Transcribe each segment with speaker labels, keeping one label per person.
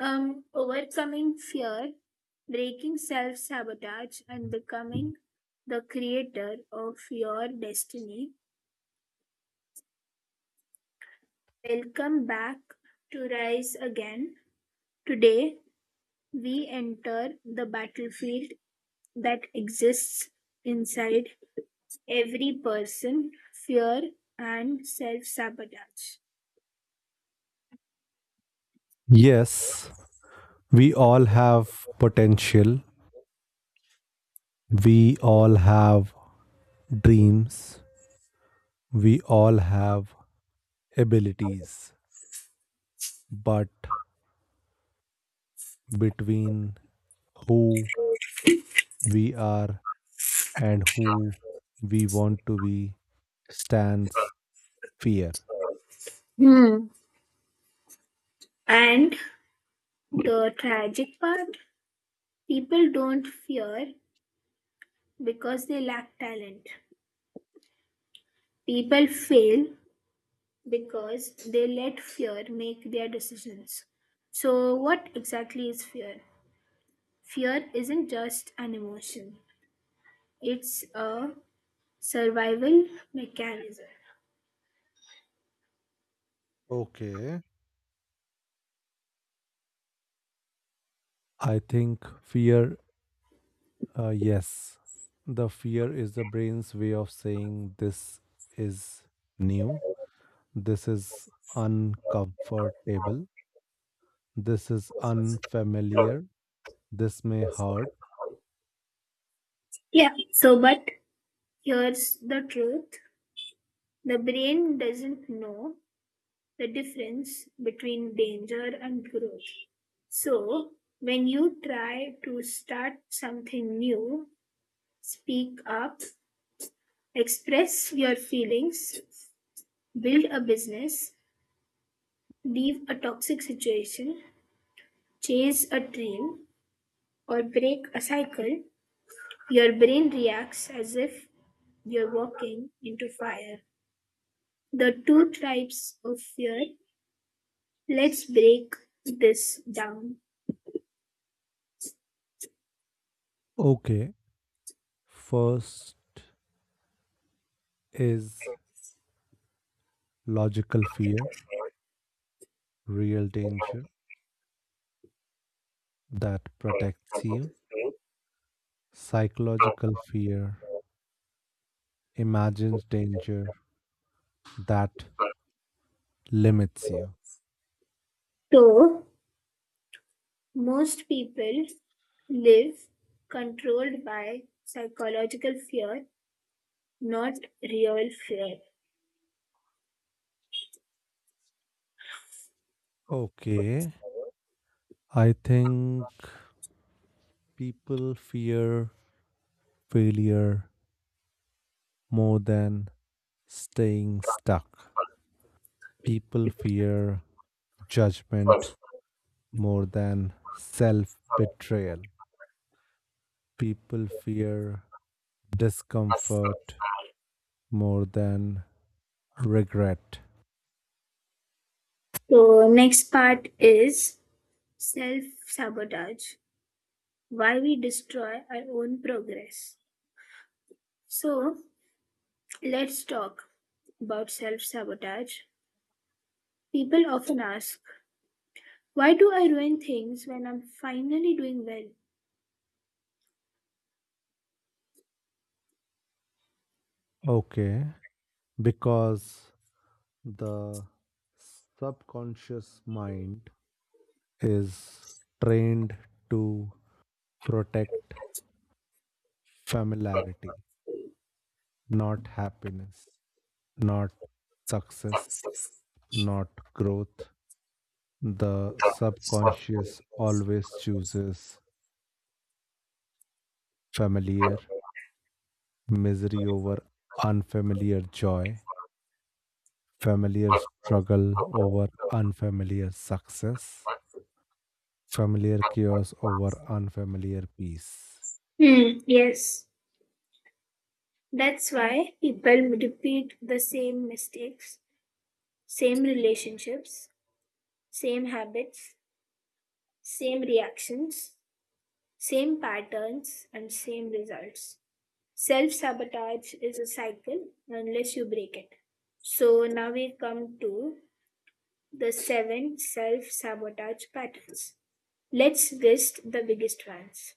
Speaker 1: Overcoming fear, breaking self sabotage, and becoming the creator of your destiny. Welcome back to Rise Again. Today, we enter the battlefield that exists inside every person fear and self sabotage.
Speaker 2: Yes, we all have potential. We all have dreams. We all have abilities. But between who we are and who we want to be stands fear.
Speaker 1: Hmm. And the tragic part people don't fear because they lack talent. People fail because they let fear make their decisions. So, what exactly is fear? Fear isn't just an emotion, it's a survival mechanism.
Speaker 2: Okay. I think fear, yes, the fear is the brain's way of saying this is new. This is uncomfortable. This is unfamiliar. This may hurt.
Speaker 1: Yeah. So, but here's the truth the brain doesn't know the difference between danger and growth. So, when you try to start something new, speak up, express your feelings, build a business, leave a toxic situation, chase a dream, or break a cycle. Your brain reacts as if you're walking into fire. The two types of fear. Let's break this down.
Speaker 2: Okay. First is logical fear, real danger that protects you. Psychological fear, imagined danger that limits you.
Speaker 1: So, most people live controlled by psychological fear, not real fear.
Speaker 2: Okay. I think people fear failure more than staying stuck. People fear judgment more than self betrayal. People fear discomfort more than regret.
Speaker 1: So, next part is self sabotage why we destroy our own progress. So, let's talk about self sabotage. People often ask, why do I ruin things when I'm finally doing
Speaker 2: Okay, because the subconscious mind is trained to protect familiarity, not happiness, not
Speaker 1: well?
Speaker 2: success, not growth. The subconscious always chooses familiar misery over unfamiliar joy, familiar struggle over unfamiliar success, familiar chaos over unfamiliar peace.
Speaker 1: Hmm, yes. That's why people repeat the same mistakes, same relationships, same habits, same reactions, same patterns, and same results. Self sabotage is a cycle unless you break it. So now we come to the seven self sabotage patterns. Let's list the biggest ones.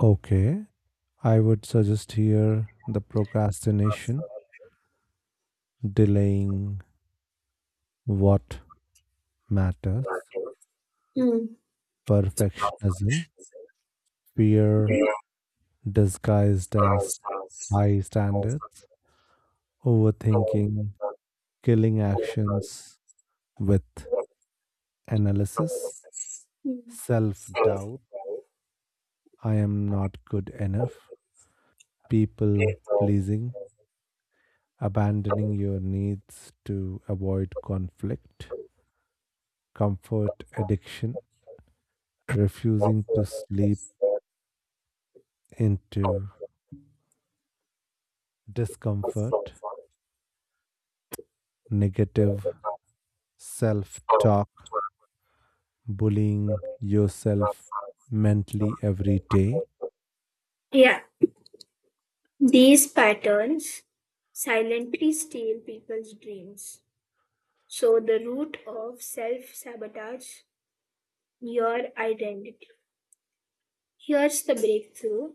Speaker 2: Okay, I would suggest here the procrastination, delaying what matters,
Speaker 1: Hmm. the Alpha,
Speaker 2: perfectionism, fear
Speaker 1: we
Speaker 2: disguised as high standards, overthinking, killing actions with analysis self doubt, I am not good enough, people pleasing, abandoning your needs to avoid conflict, comfort addiction, refusing to sleep into discomfort, negative self talk, bullying yourself mentally every day.
Speaker 1: Yeah, these patterns silently steal people's dreams. So, the root of self sabotage, your identity. Here's the breakthrough.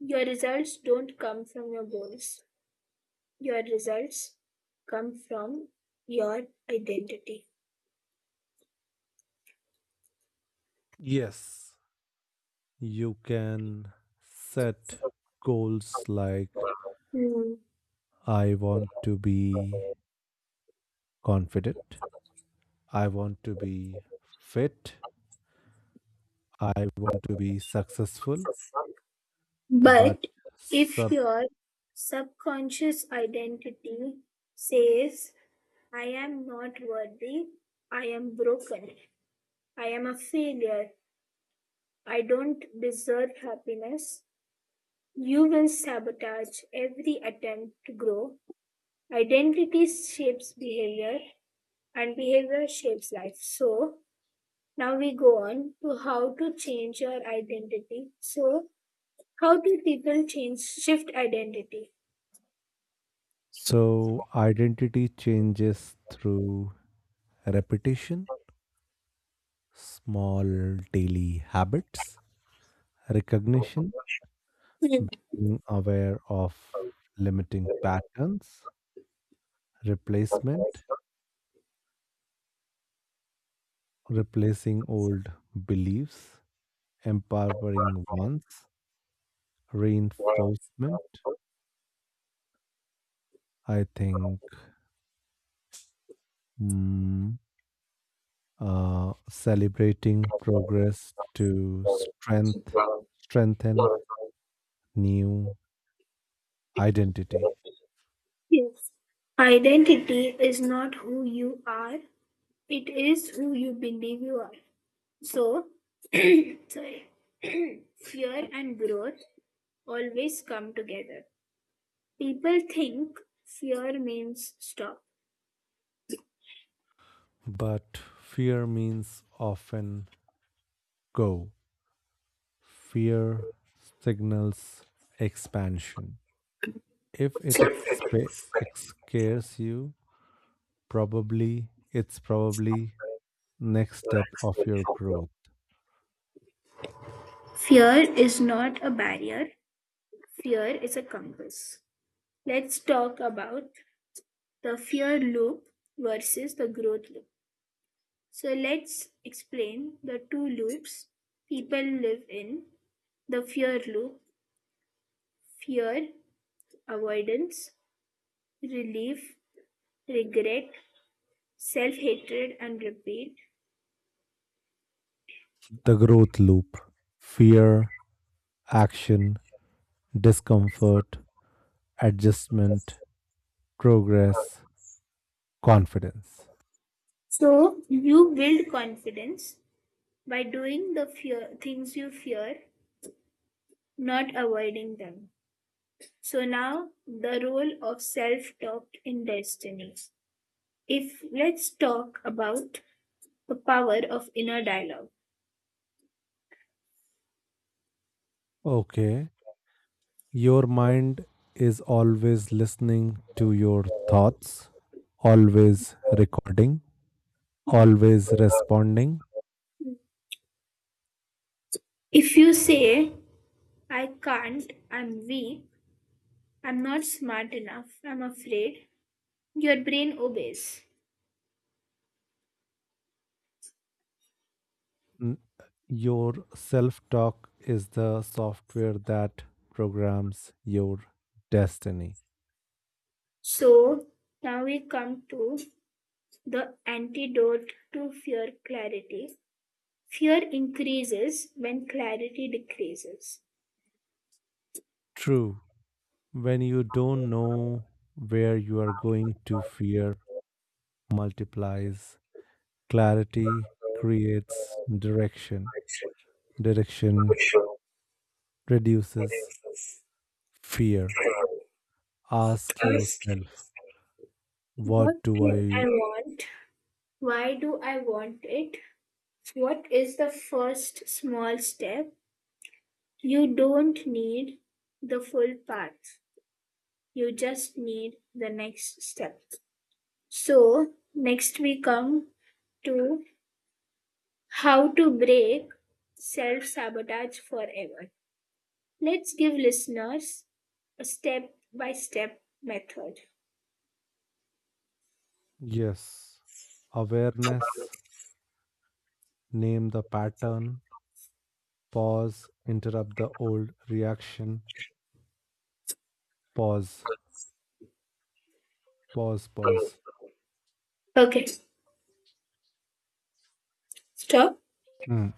Speaker 1: Your results don't come from your goals. Your results come from your identity.
Speaker 2: Yes, you can set goals like
Speaker 1: Hmm.
Speaker 2: I want to be confident. I want to be fit. I want to be successful, but
Speaker 1: But if
Speaker 2: sub.
Speaker 1: your subconscious identity says, I am not worthy, I am broken, I am a failure, I don't deserve happiness, you will sabotage every attempt to grow. Identity shapes behavior and behavior shapes life. So now we go on to how to change your identity. So how do people change shift identity?
Speaker 2: So, identity changes through repetition, small daily habits, recognition,
Speaker 1: Hmm.
Speaker 2: being aware of limiting patterns, replacement, replacing old beliefs, empowering ones, reinforcement. I think hmm, celebrating progress to strength, strengthen new identity.
Speaker 1: Yes. Identity is not who you are, it is who you believe you are. So, sorry, fear and growth always come together. People think fear means stop.
Speaker 2: But fear means often go. Fear signals expansion. If it expa- ex- Scares you, probably next step of your growth.
Speaker 1: Fear is not a barrier, fear is a compass. Let's talk about the fear loop versus the growth loop. So, let's explain the two loops people live in the fear loop, fear, avoidance, relief, regret, self hatred, and repeat.
Speaker 2: The growth loop. Fear, action, discomfort, adjustment, progress, confidence.
Speaker 1: So you build confidence by doing the fear, things you fear, not avoiding them. So now the role of self talk in destiny. If let's talk about the power of inner dialogue.
Speaker 2: Okay. Your mind is always listening to your thoughts, always recording, always responding.
Speaker 1: If you say, I can't, I'm weak, I'm not smart enough, I'm afraid, your brain obeys.
Speaker 2: N- Your self talk is the software that programs your destiny.
Speaker 1: So now we come to the antidote to fear clarity. Fear increases when clarity decreases.
Speaker 2: True. When you don't know where you are going
Speaker 1: Ask
Speaker 2: to, fear multiplies. Clarity creates direction. Direction reduces fear. Ask yourself, what
Speaker 1: what
Speaker 2: do
Speaker 1: do
Speaker 2: I?
Speaker 1: I want? Why do I want it? What is the first small step? You don't need the full path. You just need the next step. So, next we come to how to break self sabotage forever. Let's give listeners a step by step method.
Speaker 2: Yes. Awareness, name the pattern, pause, interrupt the old reaction, pause, pause.
Speaker 1: Okay, stop.
Speaker 2: Hmm.